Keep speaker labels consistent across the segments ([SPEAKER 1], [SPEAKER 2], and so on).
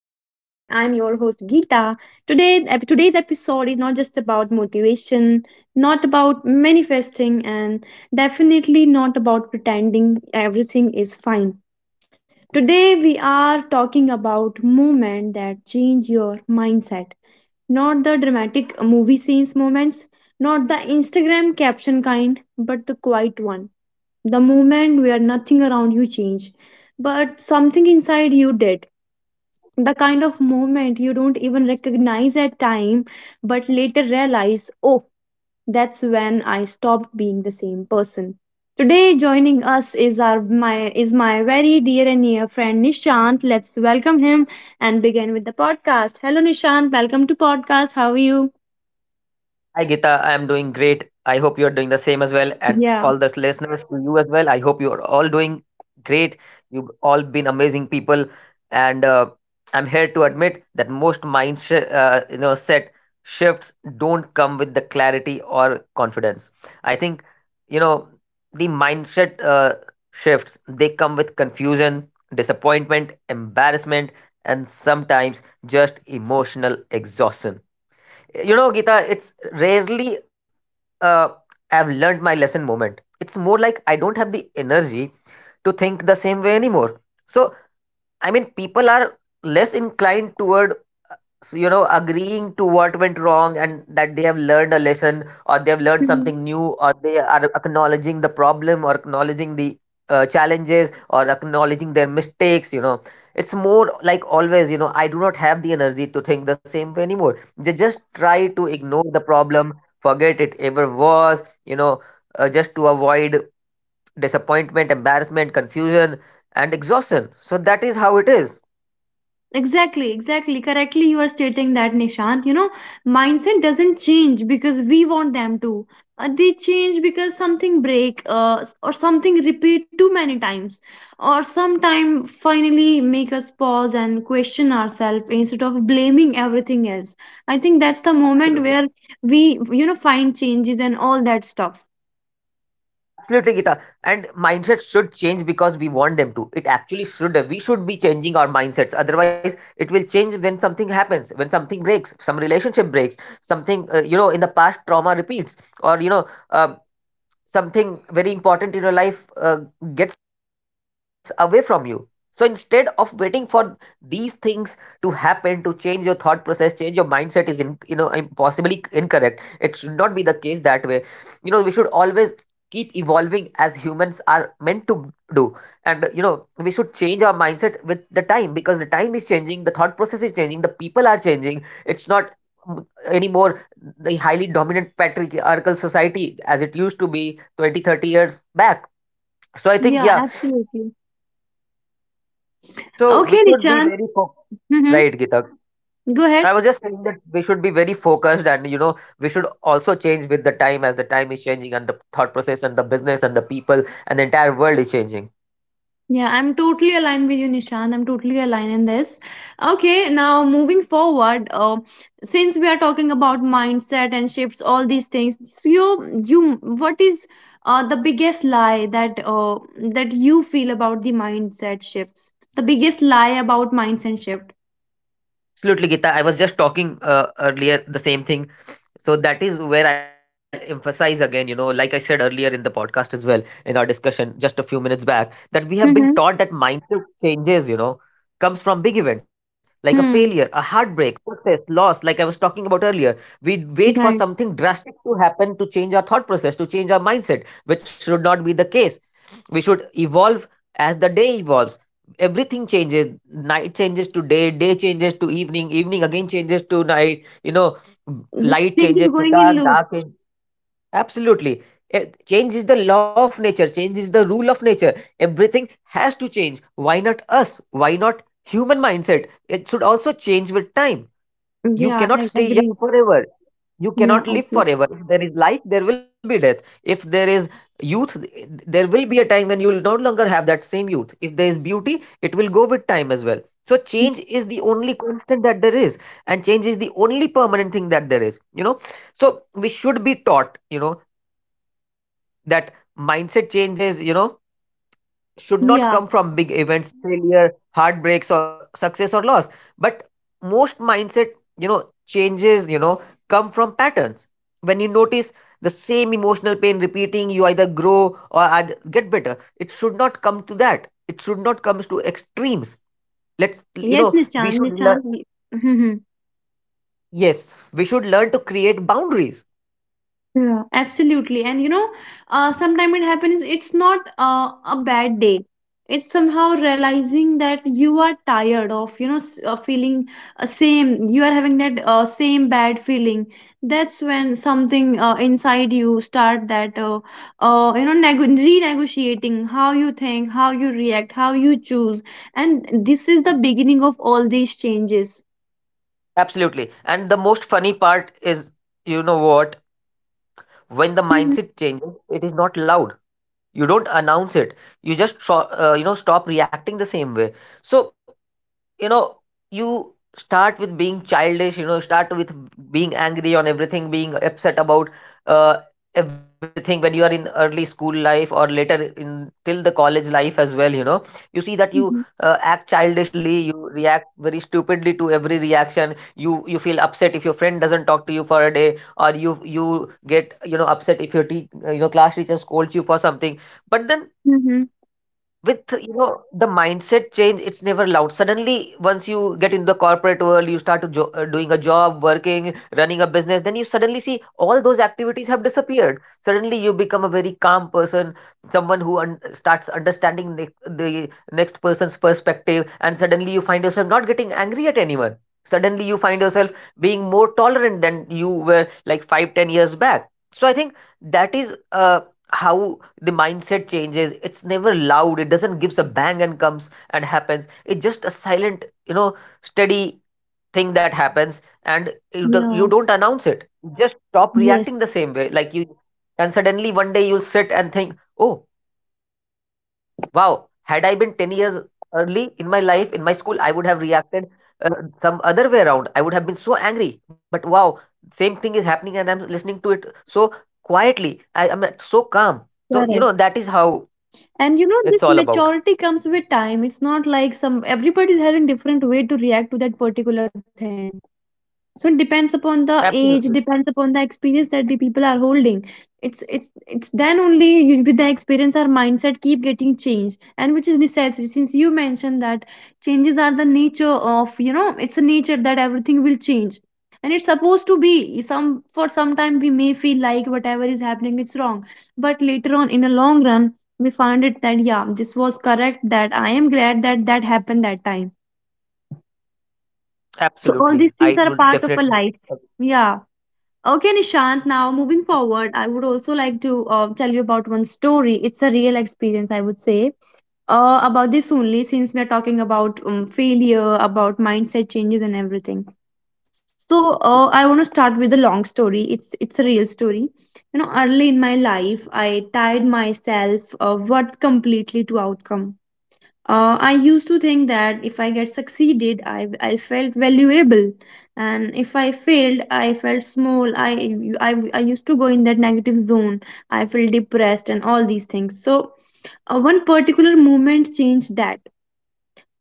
[SPEAKER 1] host Geeta. Today, today's episode is not just about motivation, not about manifesting, and definitely not about pretending everything is fine. Today, we are talking about movement that change your mindset, not the dramatic movie scenes moments, not the Instagram caption kind, but the quiet one, the moment where nothing around you changed, but something inside you did. The kind of moment you don't even recognize at time, but later realize, oh, that's when I stopped being the same person. Today, joining us is our my is my very dear and near friend Nishant. Let's welcome him and begin with the podcast. Hello, Nishant. Welcome to podcast. How are you?
[SPEAKER 2] Hi, Gita, I am doing great. I hope you are doing the same as well, and
[SPEAKER 1] Yeah.
[SPEAKER 2] all the listeners to you as well. I hope you are all doing great. You've all been amazing people, and I'm here to admit that most mind sh- you know set shifts don't come with the clarity or confidence. I think, you know the mindset shifts, they come with confusion, disappointment, embarrassment, and sometimes just emotional exhaustion. You know, Geeta, it's rarely uh, I've learned my lesson moment. It's more like I don't have the energy to think the same way anymore. So, I mean, people are less inclined toward, agreeing to what went wrong, and that they have learned a lesson, or they have learned something new, or they are acknowledging the problem, or acknowledging the challenges, or acknowledging their mistakes, it's more like always, I do not have the energy to think the same way anymore. They just try to ignore the problem, forget it ever was. Just to avoid disappointment, embarrassment, confusion, and exhaustion. So that is how it is.
[SPEAKER 1] Exactly, exactly. Correctly, you are stating that, Nishant. You know, mindset doesn't change because we want them to. They change because something break, or something repeat too many times, or sometime finally make us pause and question ourselves instead of blaming everything else. I think that's the moment where we, find changes and all that stuff.
[SPEAKER 2] Absolutely, Gita. And mindset should change because we want them to. It actually should. We should be changing our mindsets. Otherwise, it will change when something happens, when something breaks, some relationship breaks, something, in the past trauma repeats, or, um something very important in your life gets away from you. So instead of waiting for these things to happen to change your thought process, change your mindset is in you know im- possibly incorrect. It should not be the case that way. We should always keep evolving, as humans are meant to do. And we should change our mindset with the time, because the time is changing, the thought process is changing, the people are changing. It's not, anymore, the highly dominant patriarchal society as it used to be 20-30 years back. So I think,
[SPEAKER 1] Yeah,
[SPEAKER 2] yeah.
[SPEAKER 1] absolutely.
[SPEAKER 2] So we
[SPEAKER 1] Okay,
[SPEAKER 2] should be
[SPEAKER 1] Nishant.
[SPEAKER 2] very focused,
[SPEAKER 1] Mm-hmm.
[SPEAKER 2] right, Gitak?
[SPEAKER 1] Go
[SPEAKER 2] I
[SPEAKER 1] ahead.
[SPEAKER 2] was just saying that we should be very focused, and we should also change with the time, as the time is changing, and the thought process, and the business, and the people, and the entire world is changing.
[SPEAKER 1] Yeah, I'm totally aligned with you, Nishant. I'm totally aligned in this. Okay, now moving forward, since we are talking about mindset and shifts, all these things, so what is the biggest lie that you feel about the mindset shifts? The biggest lie about mindset shift.
[SPEAKER 2] Absolutely, Gita. I was just talking earlier the same thing. So that is where I'll emphasize again, like I said earlier in the podcast as well, in our discussion just a few minutes back, that we have been
[SPEAKER 1] Mm-hmm.
[SPEAKER 2] taught that mindset changes, comes from big events like a
[SPEAKER 1] Hmm.
[SPEAKER 2] failure, a heartbreak, success, loss, like I was talking about earlier. We wait for
[SPEAKER 1] Right.
[SPEAKER 2] something drastic to happen, to change our thought process, to change our mindset, which should not be the case. We should evolve. As the day evolves, everything changes. Night changes to day, day changes to evening, evening again changes to night,
[SPEAKER 1] This thing
[SPEAKER 2] light
[SPEAKER 1] is
[SPEAKER 2] changes
[SPEAKER 1] going
[SPEAKER 2] to
[SPEAKER 1] in loop.
[SPEAKER 2] dark, dark change. Absolutely. Change is the law of nature, change is the rule of nature. Everything has to change. Why not us? Why not human mindset? It should also change with time. You
[SPEAKER 1] Yeah,
[SPEAKER 2] cannot
[SPEAKER 1] I
[SPEAKER 2] stay young
[SPEAKER 1] agree.
[SPEAKER 2] forever. You
[SPEAKER 1] Yeah,
[SPEAKER 2] cannot live
[SPEAKER 1] agree.
[SPEAKER 2] forever. If there is life, there will be death. If there is youth, there will be a time when you will no longer have that same youth. If there is beauty, it will go with time as well. So, change is the only constant that there is, and change is the only permanent thing that there is. So, we should be taught, that mindset changes, should not
[SPEAKER 1] Yeah.
[SPEAKER 2] come from big events, failure, heartbreaks, or success or loss. But most mindset, changes, come from patterns. When you notice the same emotional pain repeating, you either grow or get better. It should not come to that. It should not come to extremes.
[SPEAKER 1] Yes, Nishant.
[SPEAKER 2] We should
[SPEAKER 1] Nishant.
[SPEAKER 2] learn.
[SPEAKER 1] Mm-hmm.
[SPEAKER 2] Yes, we should learn to create boundaries.
[SPEAKER 1] Yeah, absolutely. And sometimes it happens, it's not a bad day. It's somehow realizing that you are tired of, feeling same, you are having that same bad feeling. That's when something inside you start that, you know, nego renegotiating how you think, how you react, how you choose. And this is the beginning of all these changes.
[SPEAKER 2] Absolutely. And the most funny part is, you know what? When the
[SPEAKER 1] Mm-hmm.
[SPEAKER 2] mindset changes, it is not loud. You don't announce it. You just stop reacting the same way. So, you know you start with being childish, start with being angry on everything, being upset about uh, everything, when you are in early school life, or later in till the college life as well. You see that you act childishly, you react very stupidly to every reaction. You feel upset if your friend doesn't talk to you for a day. Or you get, upset if your class teacher scolds you for something. But then,
[SPEAKER 1] Mm-hmm.
[SPEAKER 2] with the mindset change, it's never loud. Suddenly, once you get into the corporate world, you start to doing a job, working, running a business, then you suddenly see all those activities have disappeared. Suddenly you become a very calm person, someone who starts understanding the next person's perspective, and suddenly you find yourself not getting angry at anyone. Suddenly you find yourself being more tolerant than you were, like, 5-10 years back. So I think that is how the mindset changes. It's never loud, it doesn't gives a bang and comes and happens. It's just a silent, steady thing that happens. And you, do,
[SPEAKER 1] Yeah.
[SPEAKER 2] you don't announce it, you just stop
[SPEAKER 1] Yes,
[SPEAKER 2] reacting the same way, like you. And suddenly one day you'll sit and think, oh wow, had I been 10 years early in my life, in my school, I would have reacted uh, some other way around. I would have been so angry. But wow, same thing is happening and I'm listening to it so quietly. I am so calm. So, that is
[SPEAKER 1] correct.
[SPEAKER 2] how
[SPEAKER 1] And
[SPEAKER 2] it's
[SPEAKER 1] you
[SPEAKER 2] all
[SPEAKER 1] know, this
[SPEAKER 2] about.
[SPEAKER 1] maturity comes with time. It's not like some everybody's having different way to react to that particular thing. So it depends upon the age,
[SPEAKER 2] Absolutely.
[SPEAKER 1] depends upon the experience that the people are holding. It's it's it's then only you, with the experience, our mindset keep getting changed, and which is necessary. Since you mentioned that, changes are the nature of, it's a nature that everything will change, and it's supposed to be. Some, for some time, we may feel like whatever is happening is wrong, but later on, in a long run, we find it that yeah, this was correct, that I am glad that that happened that time. So
[SPEAKER 2] Absolutely.
[SPEAKER 1] all these
[SPEAKER 2] I
[SPEAKER 1] things are a
[SPEAKER 2] would
[SPEAKER 1] part of a
[SPEAKER 2] definitely.
[SPEAKER 1] life. Yeah. Okay, Nishant, now moving forward, I would also like to tell you about one story. It's a real experience, I would say, about this only, since we're talking about failure, about mindset changes, and everything. So, I want to start with a long story. It's a real story. Early in my life, I tied myself what completely to outcome. I used to think that if I get succeeded, I felt valuable, and if I failed, I felt small. I used to go in that negative zone. I felt depressed and all these things. So, one particular moment changed that.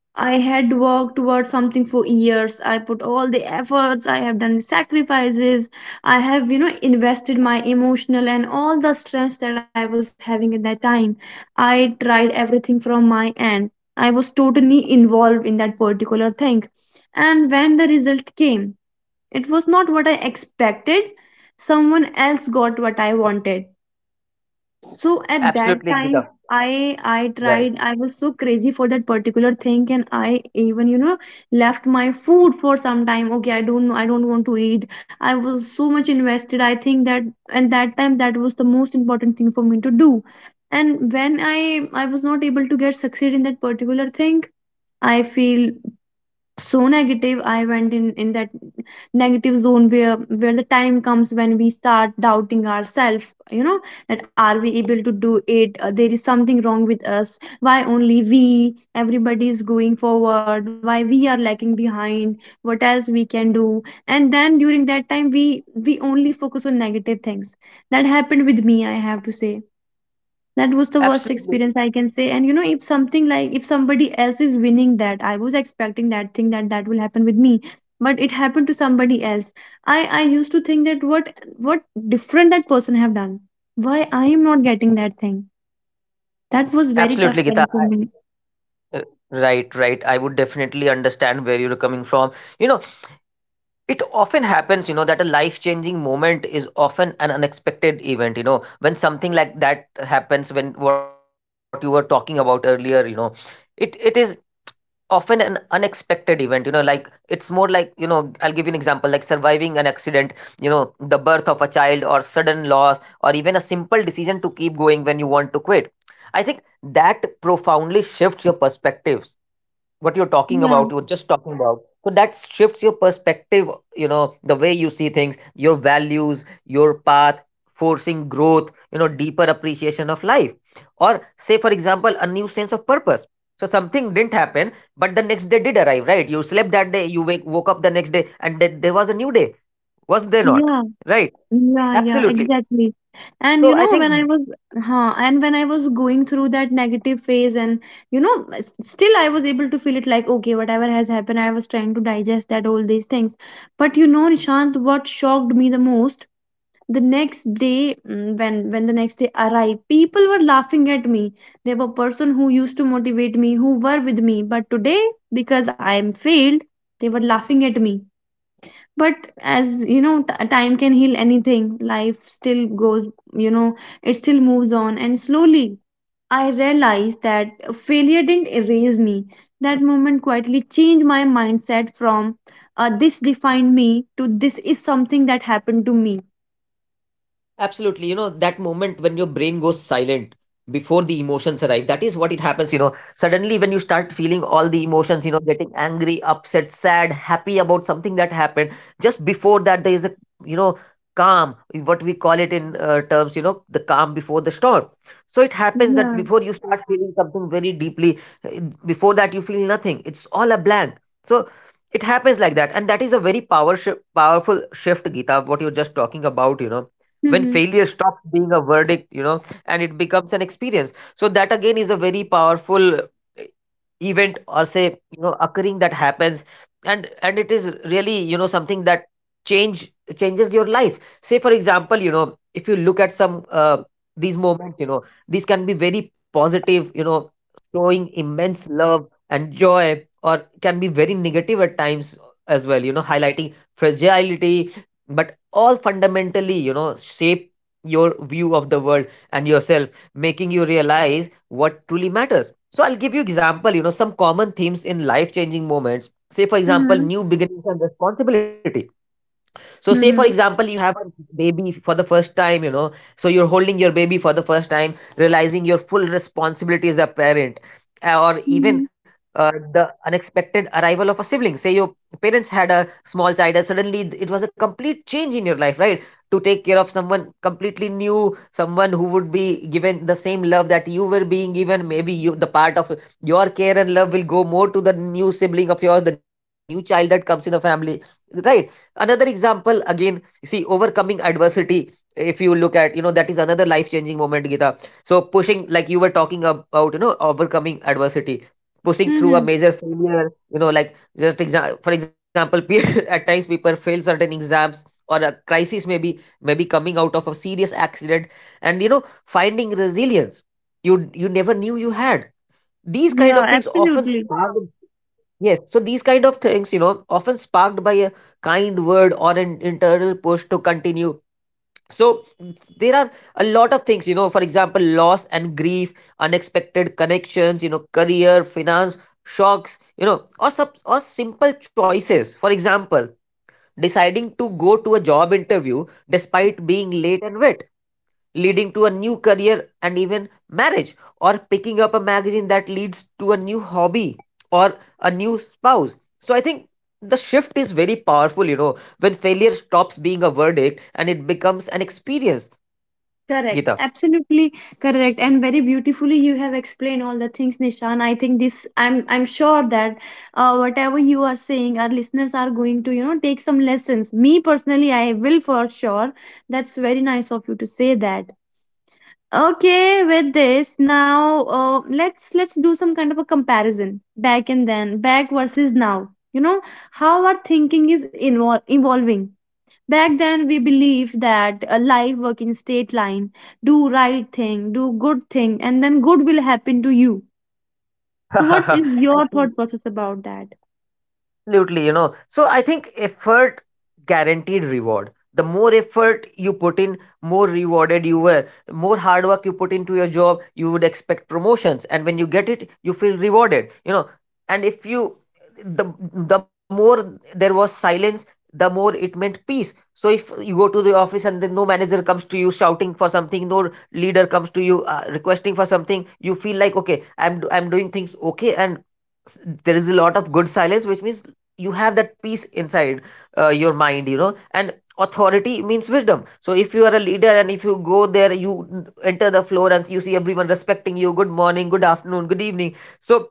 [SPEAKER 1] I had worked towards something for years. I put all the efforts, I have done sacrifices, I have, invested my emotional and all the strengths that I was having at that time. I tried everything from my end. I was totally involved in that particular thing. And when the result came, it was not what I expected. Someone else got what I wanted. So at that
[SPEAKER 2] Absolutely,
[SPEAKER 1] time,
[SPEAKER 2] Gita.
[SPEAKER 1] I tried.
[SPEAKER 2] Right.
[SPEAKER 1] I was so crazy for that particular thing, and I even left my food for some time. Okay, I don't know. I don't want to eat. I was so much invested. I think that, and that time, that was the most important thing for me to do. And when I was not able to get succeed in that particular thing, I feel so negative. I went in that negative zone where the time comes when we start doubting ourselves, that are we able to do it. There is something wrong with us. Why only we, everybody is going forward? Why we are lagging behind? What else we can do? And then during that time, we only focus on negative things. That happened with me, I have to say. That was the worst experience, I
[SPEAKER 2] Absolutely.
[SPEAKER 1] can say. And, if something, like if somebody else is winning that I was expecting that thing, that that will happen with me, but it happened to somebody else. I used to think that what different that person have done, why I am not getting that thing. That was very
[SPEAKER 2] Absolutely,
[SPEAKER 1] tough
[SPEAKER 2] Gita.
[SPEAKER 1] time for me.
[SPEAKER 2] Uh, right, right. I would definitely understand where you're coming from. You know, it often happens, that a life changing moment is often an unexpected event, when something like that happens, when what you were talking about earlier, it is often an unexpected event. Like it's more like, I'll give you an example, like surviving an accident, the birth of a child, or sudden loss, or even a simple decision to keep going when you want to quit. I think that profoundly shifts your perspective. What you're talking
[SPEAKER 1] Yeah,
[SPEAKER 2] about, you're just talking about, so that shifts your perspective, the way you see things, your values, your path, forcing growth, deeper appreciation of life, or say for example, a new sense of purpose. So something didn't happen, but the next day did arrive, right? You slept that day, you woke up the next day, and there was a new day, was there not?
[SPEAKER 1] yeah.
[SPEAKER 2] Right?
[SPEAKER 1] Yeah, yeah,
[SPEAKER 2] Absolutely.
[SPEAKER 1] exactly. And
[SPEAKER 2] So
[SPEAKER 1] you
[SPEAKER 2] I
[SPEAKER 1] know,
[SPEAKER 2] think.
[SPEAKER 1] when I was, and when I was going through that negative phase, and still I was able to feel it like, okay, whatever has happened, I was trying to digest that, all these things. But Nishant, what shocked me the most, the next day, when the next day arrived, people were laughing at me. There were person who used to motivate me, who were with me, but today, because I am failed, they were laughing at me. But as you know, time can heal anything. Life still goes, you know it still moves on, and slowly I realized that failure didn't erase me. That moment quietly changed my mindset from, "this defined me" to "this is something that happened to me."
[SPEAKER 2] Absolutely. You know, that moment when your brain goes silent before the emotions arrive, that is what it happens. You know, suddenly when you start feeling all the emotions, getting angry, upset, sad, happy about something that happened, just before that, there is a, you know, calm, what we call it in terms, the calm before the storm. So it happens that
[SPEAKER 1] Yeah.
[SPEAKER 2] before you start feeling something very deeply, eh, before that, you feel nothing. It's all a blank. So it happens like that. And that is a very powerful shift, Gita, what you're just talking about. When
[SPEAKER 1] Mm-hmm.
[SPEAKER 2] failure stops being a verdict, and it becomes an experience. So that again is a very powerful event, or say, occurring that happens. And it is really, something that change changes your life. Say for example, if you look at some, these moments, these can be very positive, showing immense love and joy, or can be very negative at times as well, highlighting fragility, but all fundamentally, shape your view of the world and yourself, making you realize what truly matters. So I'll give you example, some common themes in life changing moments. Say for example,
[SPEAKER 1] Mm-hmm.
[SPEAKER 2] new beginnings and responsibility. So, say for
[SPEAKER 1] Mm-hmm.
[SPEAKER 2] example, you have a baby for the first time, so you're holding your baby for the first time, realizing your full responsibility as a parent, or even
[SPEAKER 1] Mm-hmm.
[SPEAKER 2] the unexpected arrival of a sibling. Say your parents had a small child, and suddenly it was a complete change in your life, right? To take care of someone completely new, someone who would be given the same love that you were being given. Maybe you, the part of your care and love will go more to the new sibling of yours, the new child that comes in the family, right? Another example again, see, overcoming adversity. If you look at, you know, that is another life changing moment, Gita. So pushing, like you were talking about, you know, overcoming adversity, pushing through
[SPEAKER 1] Mm-hmm.
[SPEAKER 2] a major failure, you know, like for example at times people fail certain exams or a crisis, maybe coming out of a serious accident and you know finding resilience you never knew you had. These kind of
[SPEAKER 1] Yeah,
[SPEAKER 2] things often
[SPEAKER 1] absolutely.
[SPEAKER 2] start. Yes, so these kind of things, you know, often sparked by a kind word or an internal push to continue. So there are a lot of things, you know, for example, loss and grief, unexpected connections, you know, career, finance, shocks, you know, or simple choices. For example, deciding to go to a job interview despite being late and wet, leading to a new career and even marriage, or picking up a magazine that leads to a new hobby or a new spouse. So I think the shift is very powerful, you know, when failure stops being a verdict and it becomes an experience,
[SPEAKER 1] Correct,
[SPEAKER 2] Gita.
[SPEAKER 1] absolutely correct, and very beautifully you have explained all the things, Nishan. I think I'm sure that whatever you are saying, our listeners are going to, take some lessons. Me personally, I will for sure. That's very nice of you to say that. Okay, with this now, let's do some kind of a comparison, back versus now. You know how our thinking is evolving. Back then, we believed that a life work in straight line, do right thing, do good thing, and then good will happen to you. So, what is your thought process about that?
[SPEAKER 2] Absolutely, you know. So I think effort guaranteed reward. The more effort you put in, more rewarded you were. More hard work you put into your job, you would expect promotions, and when you get it, you feel rewarded. You know, and if you the more there was silence, the more it meant peace. So if you go to the office and then no manager comes to you shouting for something, no leader comes to you requesting for something, you feel like okay, I'm doing things okay, and there is a lot of good silence, which means you have that peace inside your mind, you know. And authority means wisdom. So if you are a leader and if you go there, you enter the floor and you see everyone respecting you, good morning, good afternoon, good evening, so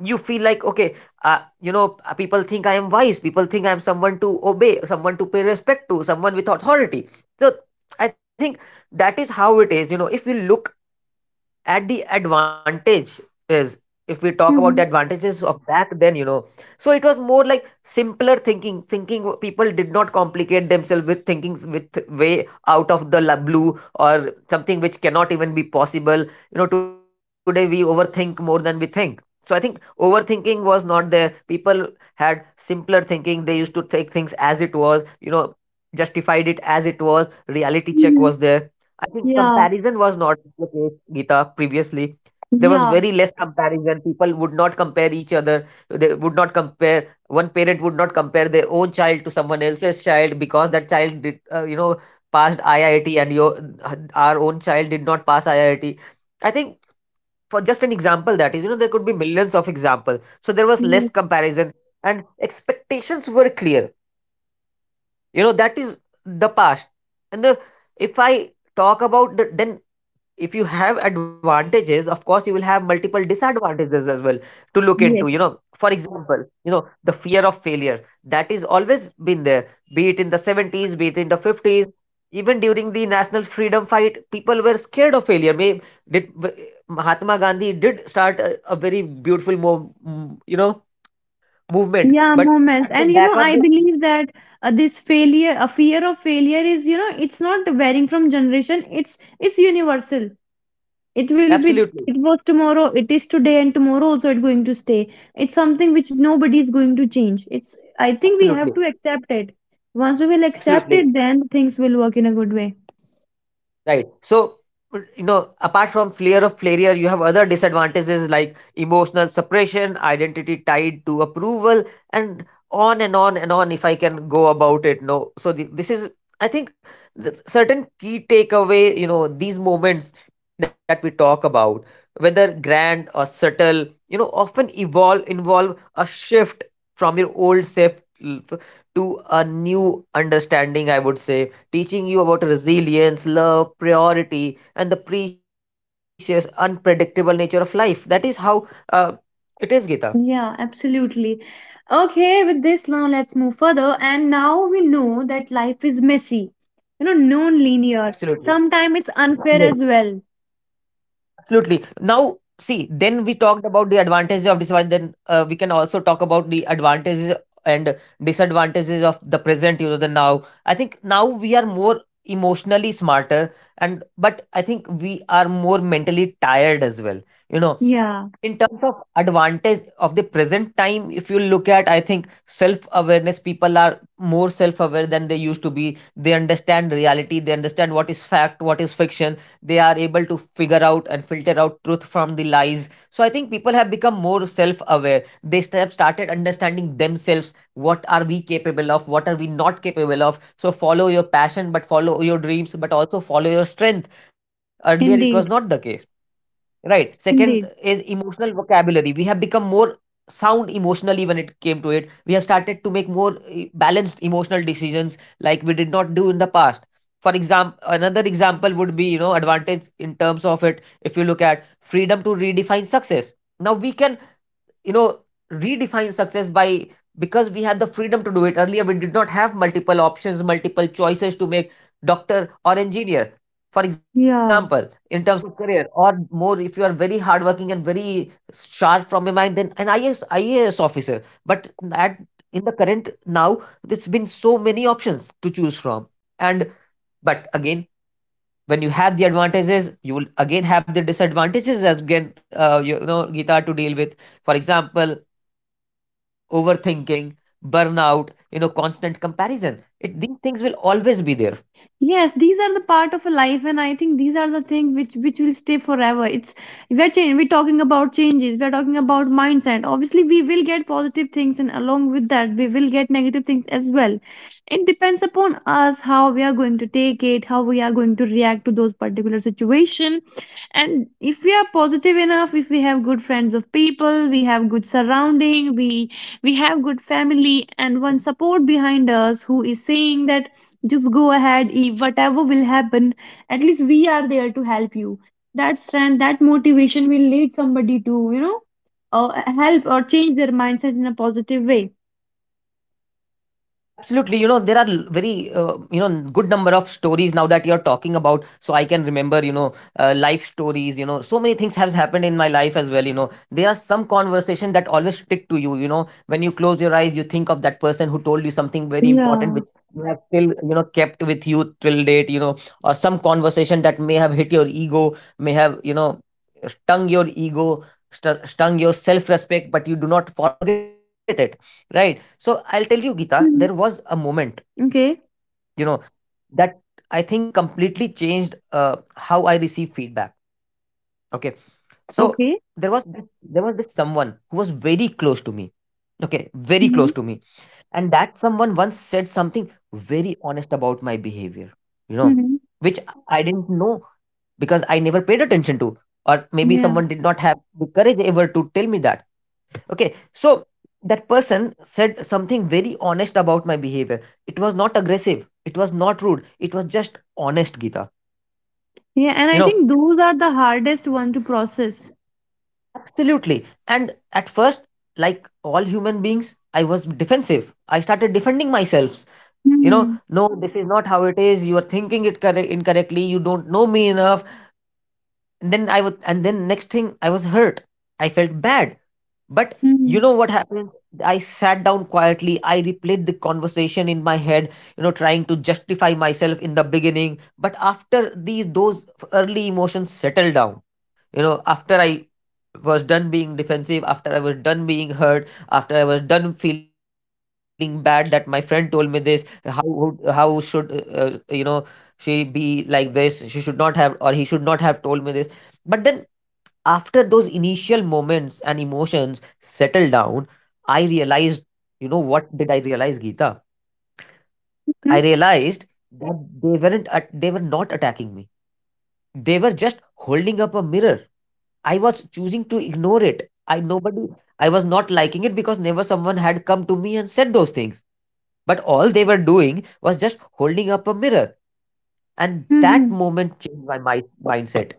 [SPEAKER 2] you feel like okay, you know, people think I am wise, people think I am someone to obey, someone to pay respect to, someone with authority. So I think that is how it is, you know. If you look at the advantage is, if we talk about the
[SPEAKER 1] Mm-hmm.
[SPEAKER 2] advantages of back then, you know, so it was more like simpler thinking. People did not complicate themselves with thinkings with way out of the blue or something which cannot even be possible, you know. Today we overthink more than we think, so I think overthinking was not there. People had simpler thinking. They used to take things as it was, you know, justified it as it was. Reality check was
[SPEAKER 1] Mm-hmm.
[SPEAKER 2] there. I think
[SPEAKER 1] Yeah,
[SPEAKER 2] comparison was not the case, Geeta, previously. There was
[SPEAKER 1] yeah,
[SPEAKER 2] very less comparison. People would not compare each other. They would not compare, one parent would not compare their own child to someone else's child because that child did, you know, passed IIT and your our own child did not pass IIT. I T. I think, for just an example, that is, you know, there could be millions of example. So there was less
[SPEAKER 1] yes,
[SPEAKER 2] comparison, and expectations were clear, you know. That is the past. And if I talk about the, then if you have advantages, of course you will have multiple disadvantages as well to look into, you
[SPEAKER 1] yes,
[SPEAKER 2] know. For example, you know, the fear of failure, that is always been there, be it in the 70s, be it in the 50s. Even during the national freedom fight, people were scared of failure. May Mahatma Gandhi did start a very beautiful you know, movement,
[SPEAKER 1] yeah,
[SPEAKER 2] but
[SPEAKER 1] moments.
[SPEAKER 2] at the
[SPEAKER 1] And you
[SPEAKER 2] back
[SPEAKER 1] know,
[SPEAKER 2] of
[SPEAKER 1] I
[SPEAKER 2] the,
[SPEAKER 1] believe that, this failure, a fear of failure, it's not varying from generation. It's universal. It will be.
[SPEAKER 2] absolutely,
[SPEAKER 1] It was tomorrow, it is today, and tomorrow also it's going to stay. It's something which nobody is going to change. It's I think we have
[SPEAKER 2] absolutely,
[SPEAKER 1] to accept it. Once we will accept it,
[SPEAKER 2] absolutely.
[SPEAKER 1] then things will work in a good way.
[SPEAKER 2] Right. So, you know, apart from fear of failure, you have other disadvantages like emotional suppression, identity tied to approval, and on and on and on. If I can go about it, no. So this is, I think, the certain key takeaway. You know, these moments that we talk about, whether grand or subtle, you know, often evolve involve a shift from your old self to a new understanding. I would say teaching you about resilience, love, priority, and the precious, unpredictable nature of life. That is how uh, it is, Gita.
[SPEAKER 1] Yeah, absolutely. Okay, with this now, let's move further. And now we know that life is messy, you know, non-linear,
[SPEAKER 2] Absolutely.
[SPEAKER 1] sometimes it's
[SPEAKER 2] Yes,
[SPEAKER 1] unfair as well.
[SPEAKER 2] absolutely. Now, see, then we talked about the advantages of disadvantage. Then we can also talk about the advantages and disadvantages of the present, you know, the now. I think now we are more emotionally smarter, and but I think we are more mentally tired as well, you know.
[SPEAKER 1] Yeah.
[SPEAKER 2] In terms of advantage of the present time, if you look at, I think self awareness, people are more self aware than they used to be. They understand reality. They understand what is fact, what is fiction. They are able to figure out and filter out truth from the lies. So I think people have become more self aware. They have started understanding themselves. What are we capable of, what are we not capable of? So follow your passion, but follow your dreams, but also follow your strength. Earlier it was not the
[SPEAKER 1] Indeed.
[SPEAKER 2] case. Right. Second is
[SPEAKER 1] Indeed.
[SPEAKER 2] emotional vocabulary. We have become more sound emotionally when it came to it. We have started to make more balanced emotional decisions like we did not do in the past. For example, another example would be, you know, advantage in terms of it. If you look at freedom to redefine success. Now we can, you know, redefine success by, because we had the freedom to do it. Earlier we did not have multiple options, multiple choices to make. Doctor or engineer, for example,
[SPEAKER 1] Yeah.
[SPEAKER 2] in terms of career, or more, if you are very hardworking and very sharp from your mind, then an IS, IAS officer. But at in the current now, there's been so many options to choose from. And but again, when you have the advantages, you will again have the disadvantages as again, you know, Gita, to deal with. For example, overthinking, burnout, you know, constant comparison, it, these things will always be there.
[SPEAKER 1] Yes, these are the part of a life, and I think these are the thing which will stay forever it's We're talking about changes, we're talking about mindset. Obviously we will get positive things, and along with that we will get negative things as well. It depends upon us how we are going to take it, how we are going to react to those particular situation. And if we are positive enough, if we have good friends of people, we have good surrounding, we have good family and one support behind us who is saying that, just go ahead, whatever will happen, at least we are there to help you. That strength, that motivation will lead somebody to uh, help or change their mindset in a positive way.
[SPEAKER 2] Absolutely, you know, there are very you know good number of stories now that you're talking about. So I can remember, you know, life stories. You know, so many things has happened in my life as well. You know, there are some conversation that always stick to you. You know, when you close your eyes, you think of that person who told you something very important which
[SPEAKER 1] Yeah.
[SPEAKER 2] you have still, you know, kept with you till date. You know, or some conversation that may have hit your ego, may have, you know, stung your ego, stung your self respect, but you do not forget it, right? So I'll tell you, Geeta, there was a
[SPEAKER 1] Mhm.
[SPEAKER 2] moment,
[SPEAKER 1] Okay.
[SPEAKER 2] you know, that I think completely changed how I receive feedback. Okay, so
[SPEAKER 1] Okay.
[SPEAKER 2] there was this someone who was very close to me. Okay, very close
[SPEAKER 1] Mm-hmm.
[SPEAKER 2] to me, and that someone once said something very honest about my behavior. You know,
[SPEAKER 1] Mm-hmm.
[SPEAKER 2] which I didn't know because I never paid attention to, or maybe
[SPEAKER 1] Yeah.
[SPEAKER 2] someone did not have the courage ever to tell me that. Okay, so that person said something very honest about my behavior. It was not aggressive, it was not rude, it was just honest, Gita.
[SPEAKER 1] Yeah, and
[SPEAKER 2] You
[SPEAKER 1] I
[SPEAKER 2] know,
[SPEAKER 1] think those are the hardest one to process.
[SPEAKER 2] absolutely. And at first, like all human beings, I was defensive. I started defending myself. You know,
[SPEAKER 1] Mm-hmm.
[SPEAKER 2] no, this is not how it is. You are thinking it correct incorrectly. You don't know me enough. And then I was, and then next thing, I was hurt. I felt bad. But you
[SPEAKER 1] Mm-hmm.
[SPEAKER 2] know what happened? I sat down quietly. I replayed the conversation in my head, you know, trying to justify myself in the beginning. But after the those early emotions settled down, you know, after I was done being defensive, after I was done being hurt, after I was done feeling bad that my friend told me this, how would- how should you know, she be like this? She should not have, or he should not have told me this. But then after those initial moments and emotions settled down, I realized, you know, what did I realize, Geeta?
[SPEAKER 1] Hmm?
[SPEAKER 2] I realized that they were not attacking me. They were just holding up a mirror. I was choosing to ignore it. I was not liking it because never someone had come to me and said those things. But all they were doing was just holding up a mirror, and
[SPEAKER 1] Mm hmm
[SPEAKER 2] that
[SPEAKER 1] mm hmm
[SPEAKER 2] moment changed my mindset.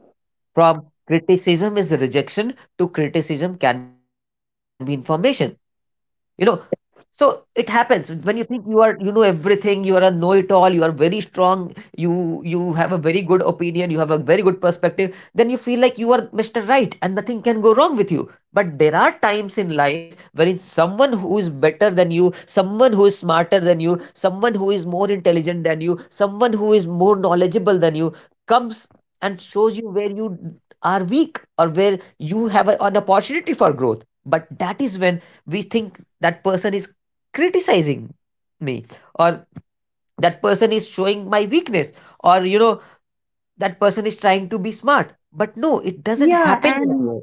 [SPEAKER 2] From criticism is rejection to criticism can be information. You know, so it happens when you think you are everything, you are a know-it-all, you are very strong, you have a very good opinion, you have a very good perspective, then you feel like you are Mr. Right and nothing can go wrong with you. But there are times in life wherein someone who is better than you, someone who is smarter than you, someone who is more intelligent than you, someone who is more knowledgeable than you comes and shows you where you are weak or where you an opportunity for growth. But that is when we think that person is criticizing me or that person is showing my weakness or that person is trying to be smart. But no, it doesn't
[SPEAKER 1] Yeah.
[SPEAKER 2] happen like that
[SPEAKER 1] And
[SPEAKER 2] way.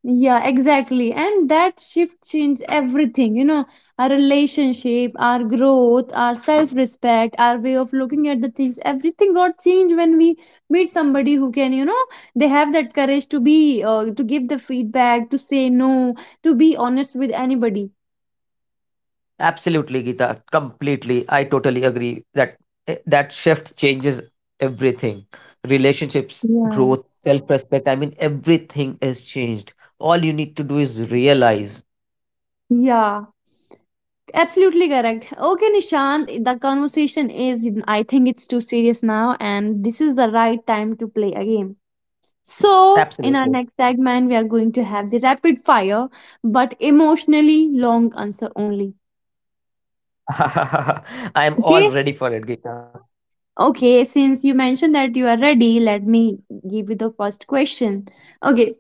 [SPEAKER 1] yeah, exactly. And that shift changed everything, our relationship, our growth, our self respect, our way of looking at the things. Everything got changed when we meet somebody who can, they have that courage to be, to give the feedback, to say no, to be honest with anybody.
[SPEAKER 2] Absolutely, Gita, completely, I totally agree that that shift changes everything: relationships,
[SPEAKER 1] Yeah.
[SPEAKER 2] growth, self respect. I mean, everything is changed. All you need to do is realize.
[SPEAKER 1] Yeah, absolutely correct. Okay, Nishant, the conversation is, I think it's too serious now, and this is the right time to play a game. So, in our
[SPEAKER 2] Absolutely.
[SPEAKER 1] next segment, we are going to have the rapid fire, but emotionally long answer only.
[SPEAKER 2] I am all
[SPEAKER 1] Okay.
[SPEAKER 2] ready for it, Gita.
[SPEAKER 1] Okay. Since you mentioned that you are ready, let me give you the first question. Okay.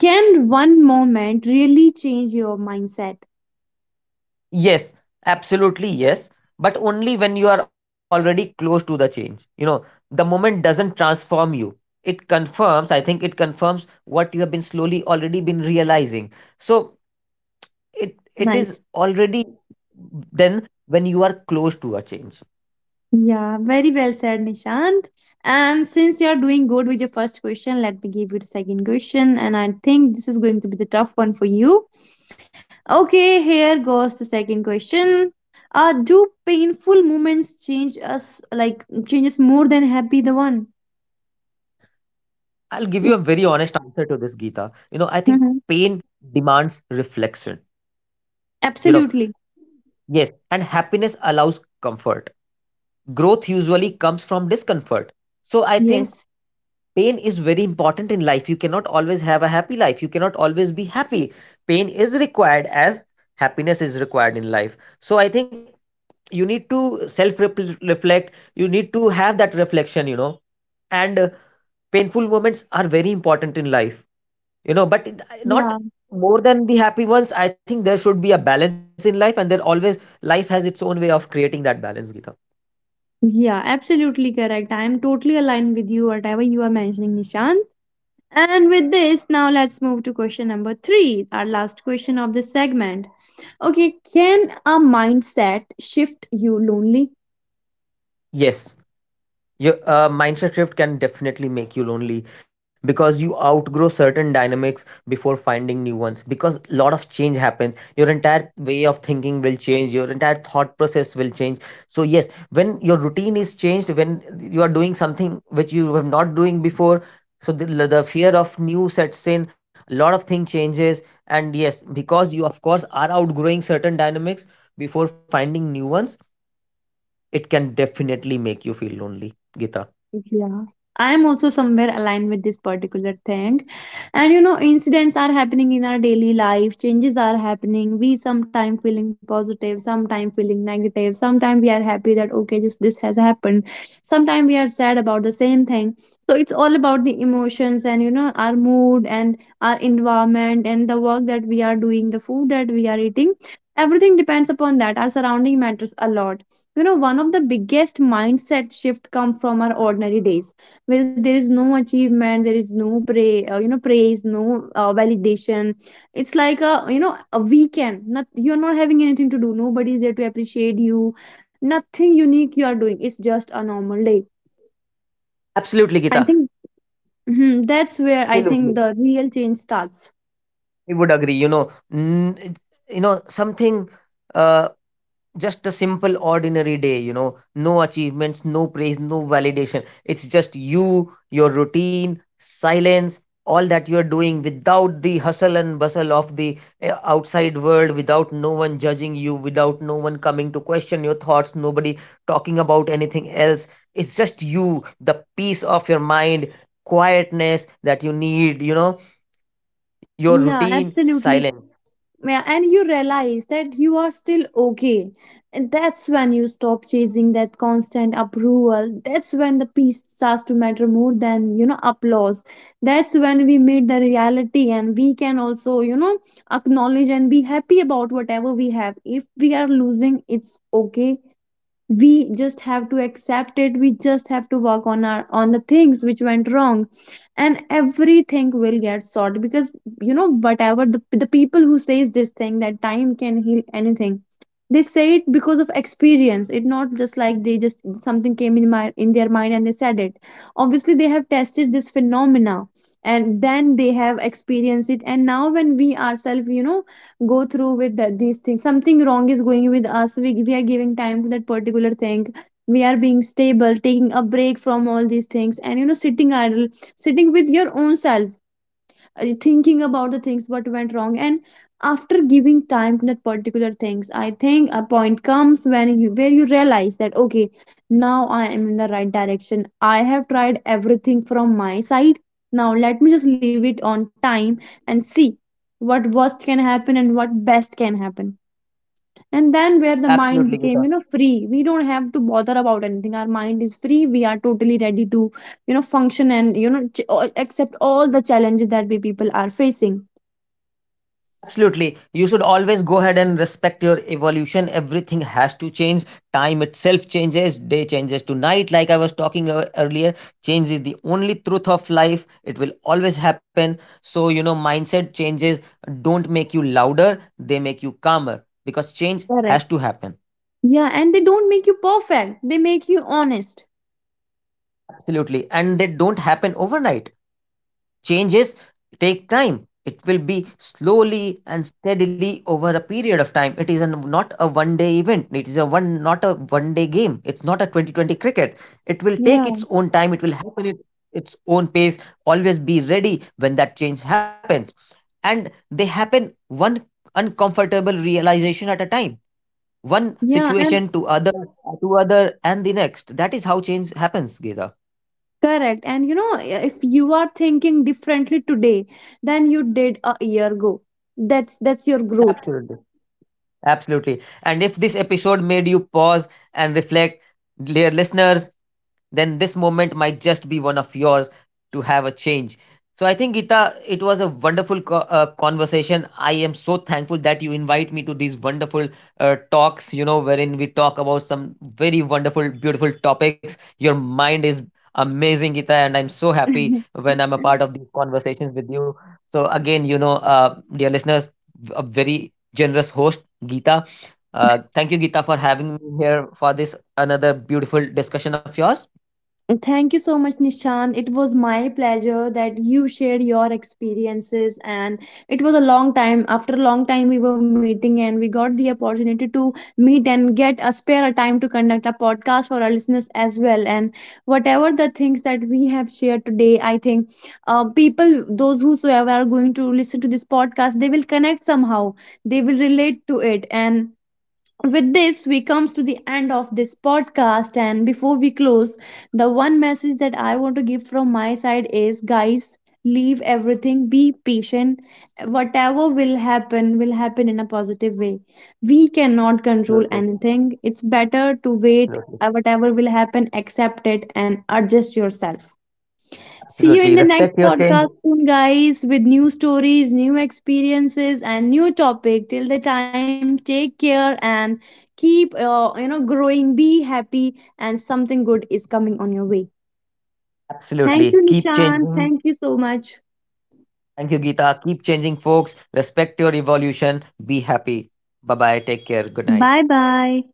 [SPEAKER 1] Can one moment really change your mindset?
[SPEAKER 2] Yes, absolutely yes, but only when you are already close to the change. You know, the moment doesn't transform you. It confirms, I think it confirms what you have been slowly already been realizing. So it is
[SPEAKER 1] Nice.
[SPEAKER 2] already then when you are close to a change.
[SPEAKER 1] Yeah, very well said, Nishant. And since you're doing good with your first question, let me give you the second question. And I think this is going to be the tough one for you. Okay, here goes the second question. Do painful moments change us, like, changes more than happy the one?
[SPEAKER 2] I'll give you a very honest answer to this, Geeta. You know, I think
[SPEAKER 1] Hmm.
[SPEAKER 2] pain demands reflection. You know,
[SPEAKER 1] Absolutely.
[SPEAKER 2] yes, and happiness allows comfort. Growth usually comes from discomfort. So I think
[SPEAKER 1] Yes.
[SPEAKER 2] pain is very important in life. You cannot always have a happy life, you cannot always be happy. Pain is required as happiness is required in life. So I think you need to self reflect, you need to have that reflection, you know, and painful moments are very important in life, you know, not
[SPEAKER 1] Yeah.
[SPEAKER 2] more than the happy ones. I think there should be a balance in life, and there always, life has its own way of creating that balance, Gita.
[SPEAKER 1] Yeah, absolutely correct. I am totally aligned with you, whatever you are mentioning, Nishant. And with this, now let's move to question number three, our last question of this segment. Okay, can a mindset shift you lonely?
[SPEAKER 2] Yes, your mindset shift can definitely make you lonely, because you outgrow certain dynamics before finding new ones, because a lot of change happens. Your entire way of thinking will change, your entire thought process will change. So yes, when your routine is changed, when you are doing something which you were not doing before, so the fear of new sets in, a lot of thing changes, and yes, because you of course are outgrowing certain dynamics before finding new ones, it can definitely make you feel lonely, Gita.
[SPEAKER 1] Yeah. I'm also somewhere aligned with this particular thing. And you know, incidents are happening in our daily life, changes are happening. We sometimes feeling positive, sometimes feeling negative, sometimes we are happy that okay, this has happened. Sometimes we are sad about the same thing. So it's all about the emotions and you know, our mood and our environment and the work that we are doing, the food that we are eating. Everything depends upon that. Our surrounding matters a lot. You know, one of the biggest mindset shift come from our ordinary days, where there is no achievement, there is no pray, you know, praise, no validation. It's like a, you know, a weekend, not, you're not having anything to do, nobody's there to appreciate you, nothing unique you are doing, it's just a normal day.
[SPEAKER 2] Absolutely, Gita.
[SPEAKER 1] I think mhm, that's where I think
[SPEAKER 2] Absolutely,
[SPEAKER 1] the real change starts.
[SPEAKER 2] I would agree. You know, n- it- you know something. Uh, just a simple, ordinary day. You know, no achievements, no praise, no validation. It's just you, your routine, silence, all that you are doing without the hustle and bustle of the outside world, without no one judging you, without no one coming to question your thoughts, nobody talking about anything else. It's just you, the peace of your mind, quietness that you need. You know, your
[SPEAKER 1] Yeah,
[SPEAKER 2] routine,
[SPEAKER 1] absolutely.
[SPEAKER 2] silence.
[SPEAKER 1] Yeah, and you realize that you are still okay. And that's when you stop chasing that constant approval. That's when the peace starts to matter more than, you know, applause. That's when we meet the reality and we can also, you know, acknowledge and be happy about whatever we have. If we are losing, it's okay, we just have to accept it, we just have to work on our on the things which went wrong, and everything will get sorted. Because, you know, whatever, the people who says this thing that time can heal anything, they say it because of experience. It not just like they just something came in my in their mind and they said it. Obviously they have tested this phenomena, and then they have experienced it. And now when we ourselves, you know, go through with that, these things, something wrong is going with us, we are giving time to that particular thing, we are being stable, taking a break from all these things, and you know, sitting idle, sitting with your own self, thinking about the things what went wrong. And after giving time to that particular things, I think a point comes when you where you realize that okay, now I am in the right direction, I have tried everything from my side, now let me just leave it on time, and see what worst can happen and what best can happen. And then where the
[SPEAKER 2] Absolutely,
[SPEAKER 1] mind
[SPEAKER 2] Gita.
[SPEAKER 1] became, you know, free, we don't have to bother about anything, our mind is free, we are totally ready to, you know, function and you know, accept all the challenges that we people are facing.
[SPEAKER 2] Absolutely, you should always go ahead and respect your evolution. Everything has to change. Time itself changes, day changes to night, like I was talking earlier. Change is the only truth of life, it will always happen. So you know, mindset changes don't make you louder, they make you calmer, because change has
[SPEAKER 1] Correct.
[SPEAKER 2] to happen.
[SPEAKER 1] Yeah, and they don't make you perfect, they make you honest.
[SPEAKER 2] Absolutely, and they don't happen overnight. Changes take time. It will be slowly and steadily over a period of time. It is a, not a 1 day event. It is a 1 day game. It's not a 2020 cricket. It will take its
[SPEAKER 1] Yeah.
[SPEAKER 2] own time. It will happen at its own pace. Always be ready when that change happens. And they happen one uncomfortable realization at a time. One
[SPEAKER 1] Yeah. And
[SPEAKER 2] situation to other and the next. That is how change happens, Geda.
[SPEAKER 1] correct, and you know, if you are thinking differently today than you did a year ago, that's your growth.
[SPEAKER 2] Absolutely. Absolutely. And if this episode made you pause and reflect, dear listeners, then this moment might just be one of yours to have a change. So I think, Gita, it was a wonderful conversation. I am so thankful that you invite me to these wonderful talks. You know, wherein we talk about some very wonderful, beautiful topics. Your mind is amazing, Gita, and I'm so happy when I'm a part of these conversations with you. So again, you know, dear listeners, a very generous host, Geeta. Thank you, Geeta, for having me here for this another beautiful discussion of yours.
[SPEAKER 1] Thank you so much, Nishan. It was my pleasure that you shared your experiences, and it was a long time. After a long time, we were meeting, and we got the opportunity to meet and get a spare a time to conduct a podcast for our listeners as well. And whatever the things that we have shared today, I think people, those whosoever are going to listen to this podcast, they will connect somehow. They will relate to it, and with this we comes to the end of this podcast. And before we close, the one message that I want to give from my side is, guys, leave everything, be patient, whatever will happen in a positive way. We cannot control
[SPEAKER 2] Absolutely,
[SPEAKER 1] anything, it's better to wait.
[SPEAKER 2] absolutely,
[SPEAKER 1] Whatever will happen, accept it and adjust yourself. See you in
[SPEAKER 2] absolutely.
[SPEAKER 1] the next
[SPEAKER 2] Respect your change.
[SPEAKER 1] podcast soon, guys, with new stories, new experiences, and new topic. Till the time, take care and keep, you know, growing. Be happy, and something good is coming on your way. Thank you,
[SPEAKER 2] Absolutely. Keep
[SPEAKER 1] Nishan.
[SPEAKER 2] changing.
[SPEAKER 1] Thank you so much.
[SPEAKER 2] Thank you, Geeta. Keep changing, folks. Respect your evolution. Be happy. Bye bye. Take care. Good night.
[SPEAKER 1] Bye bye.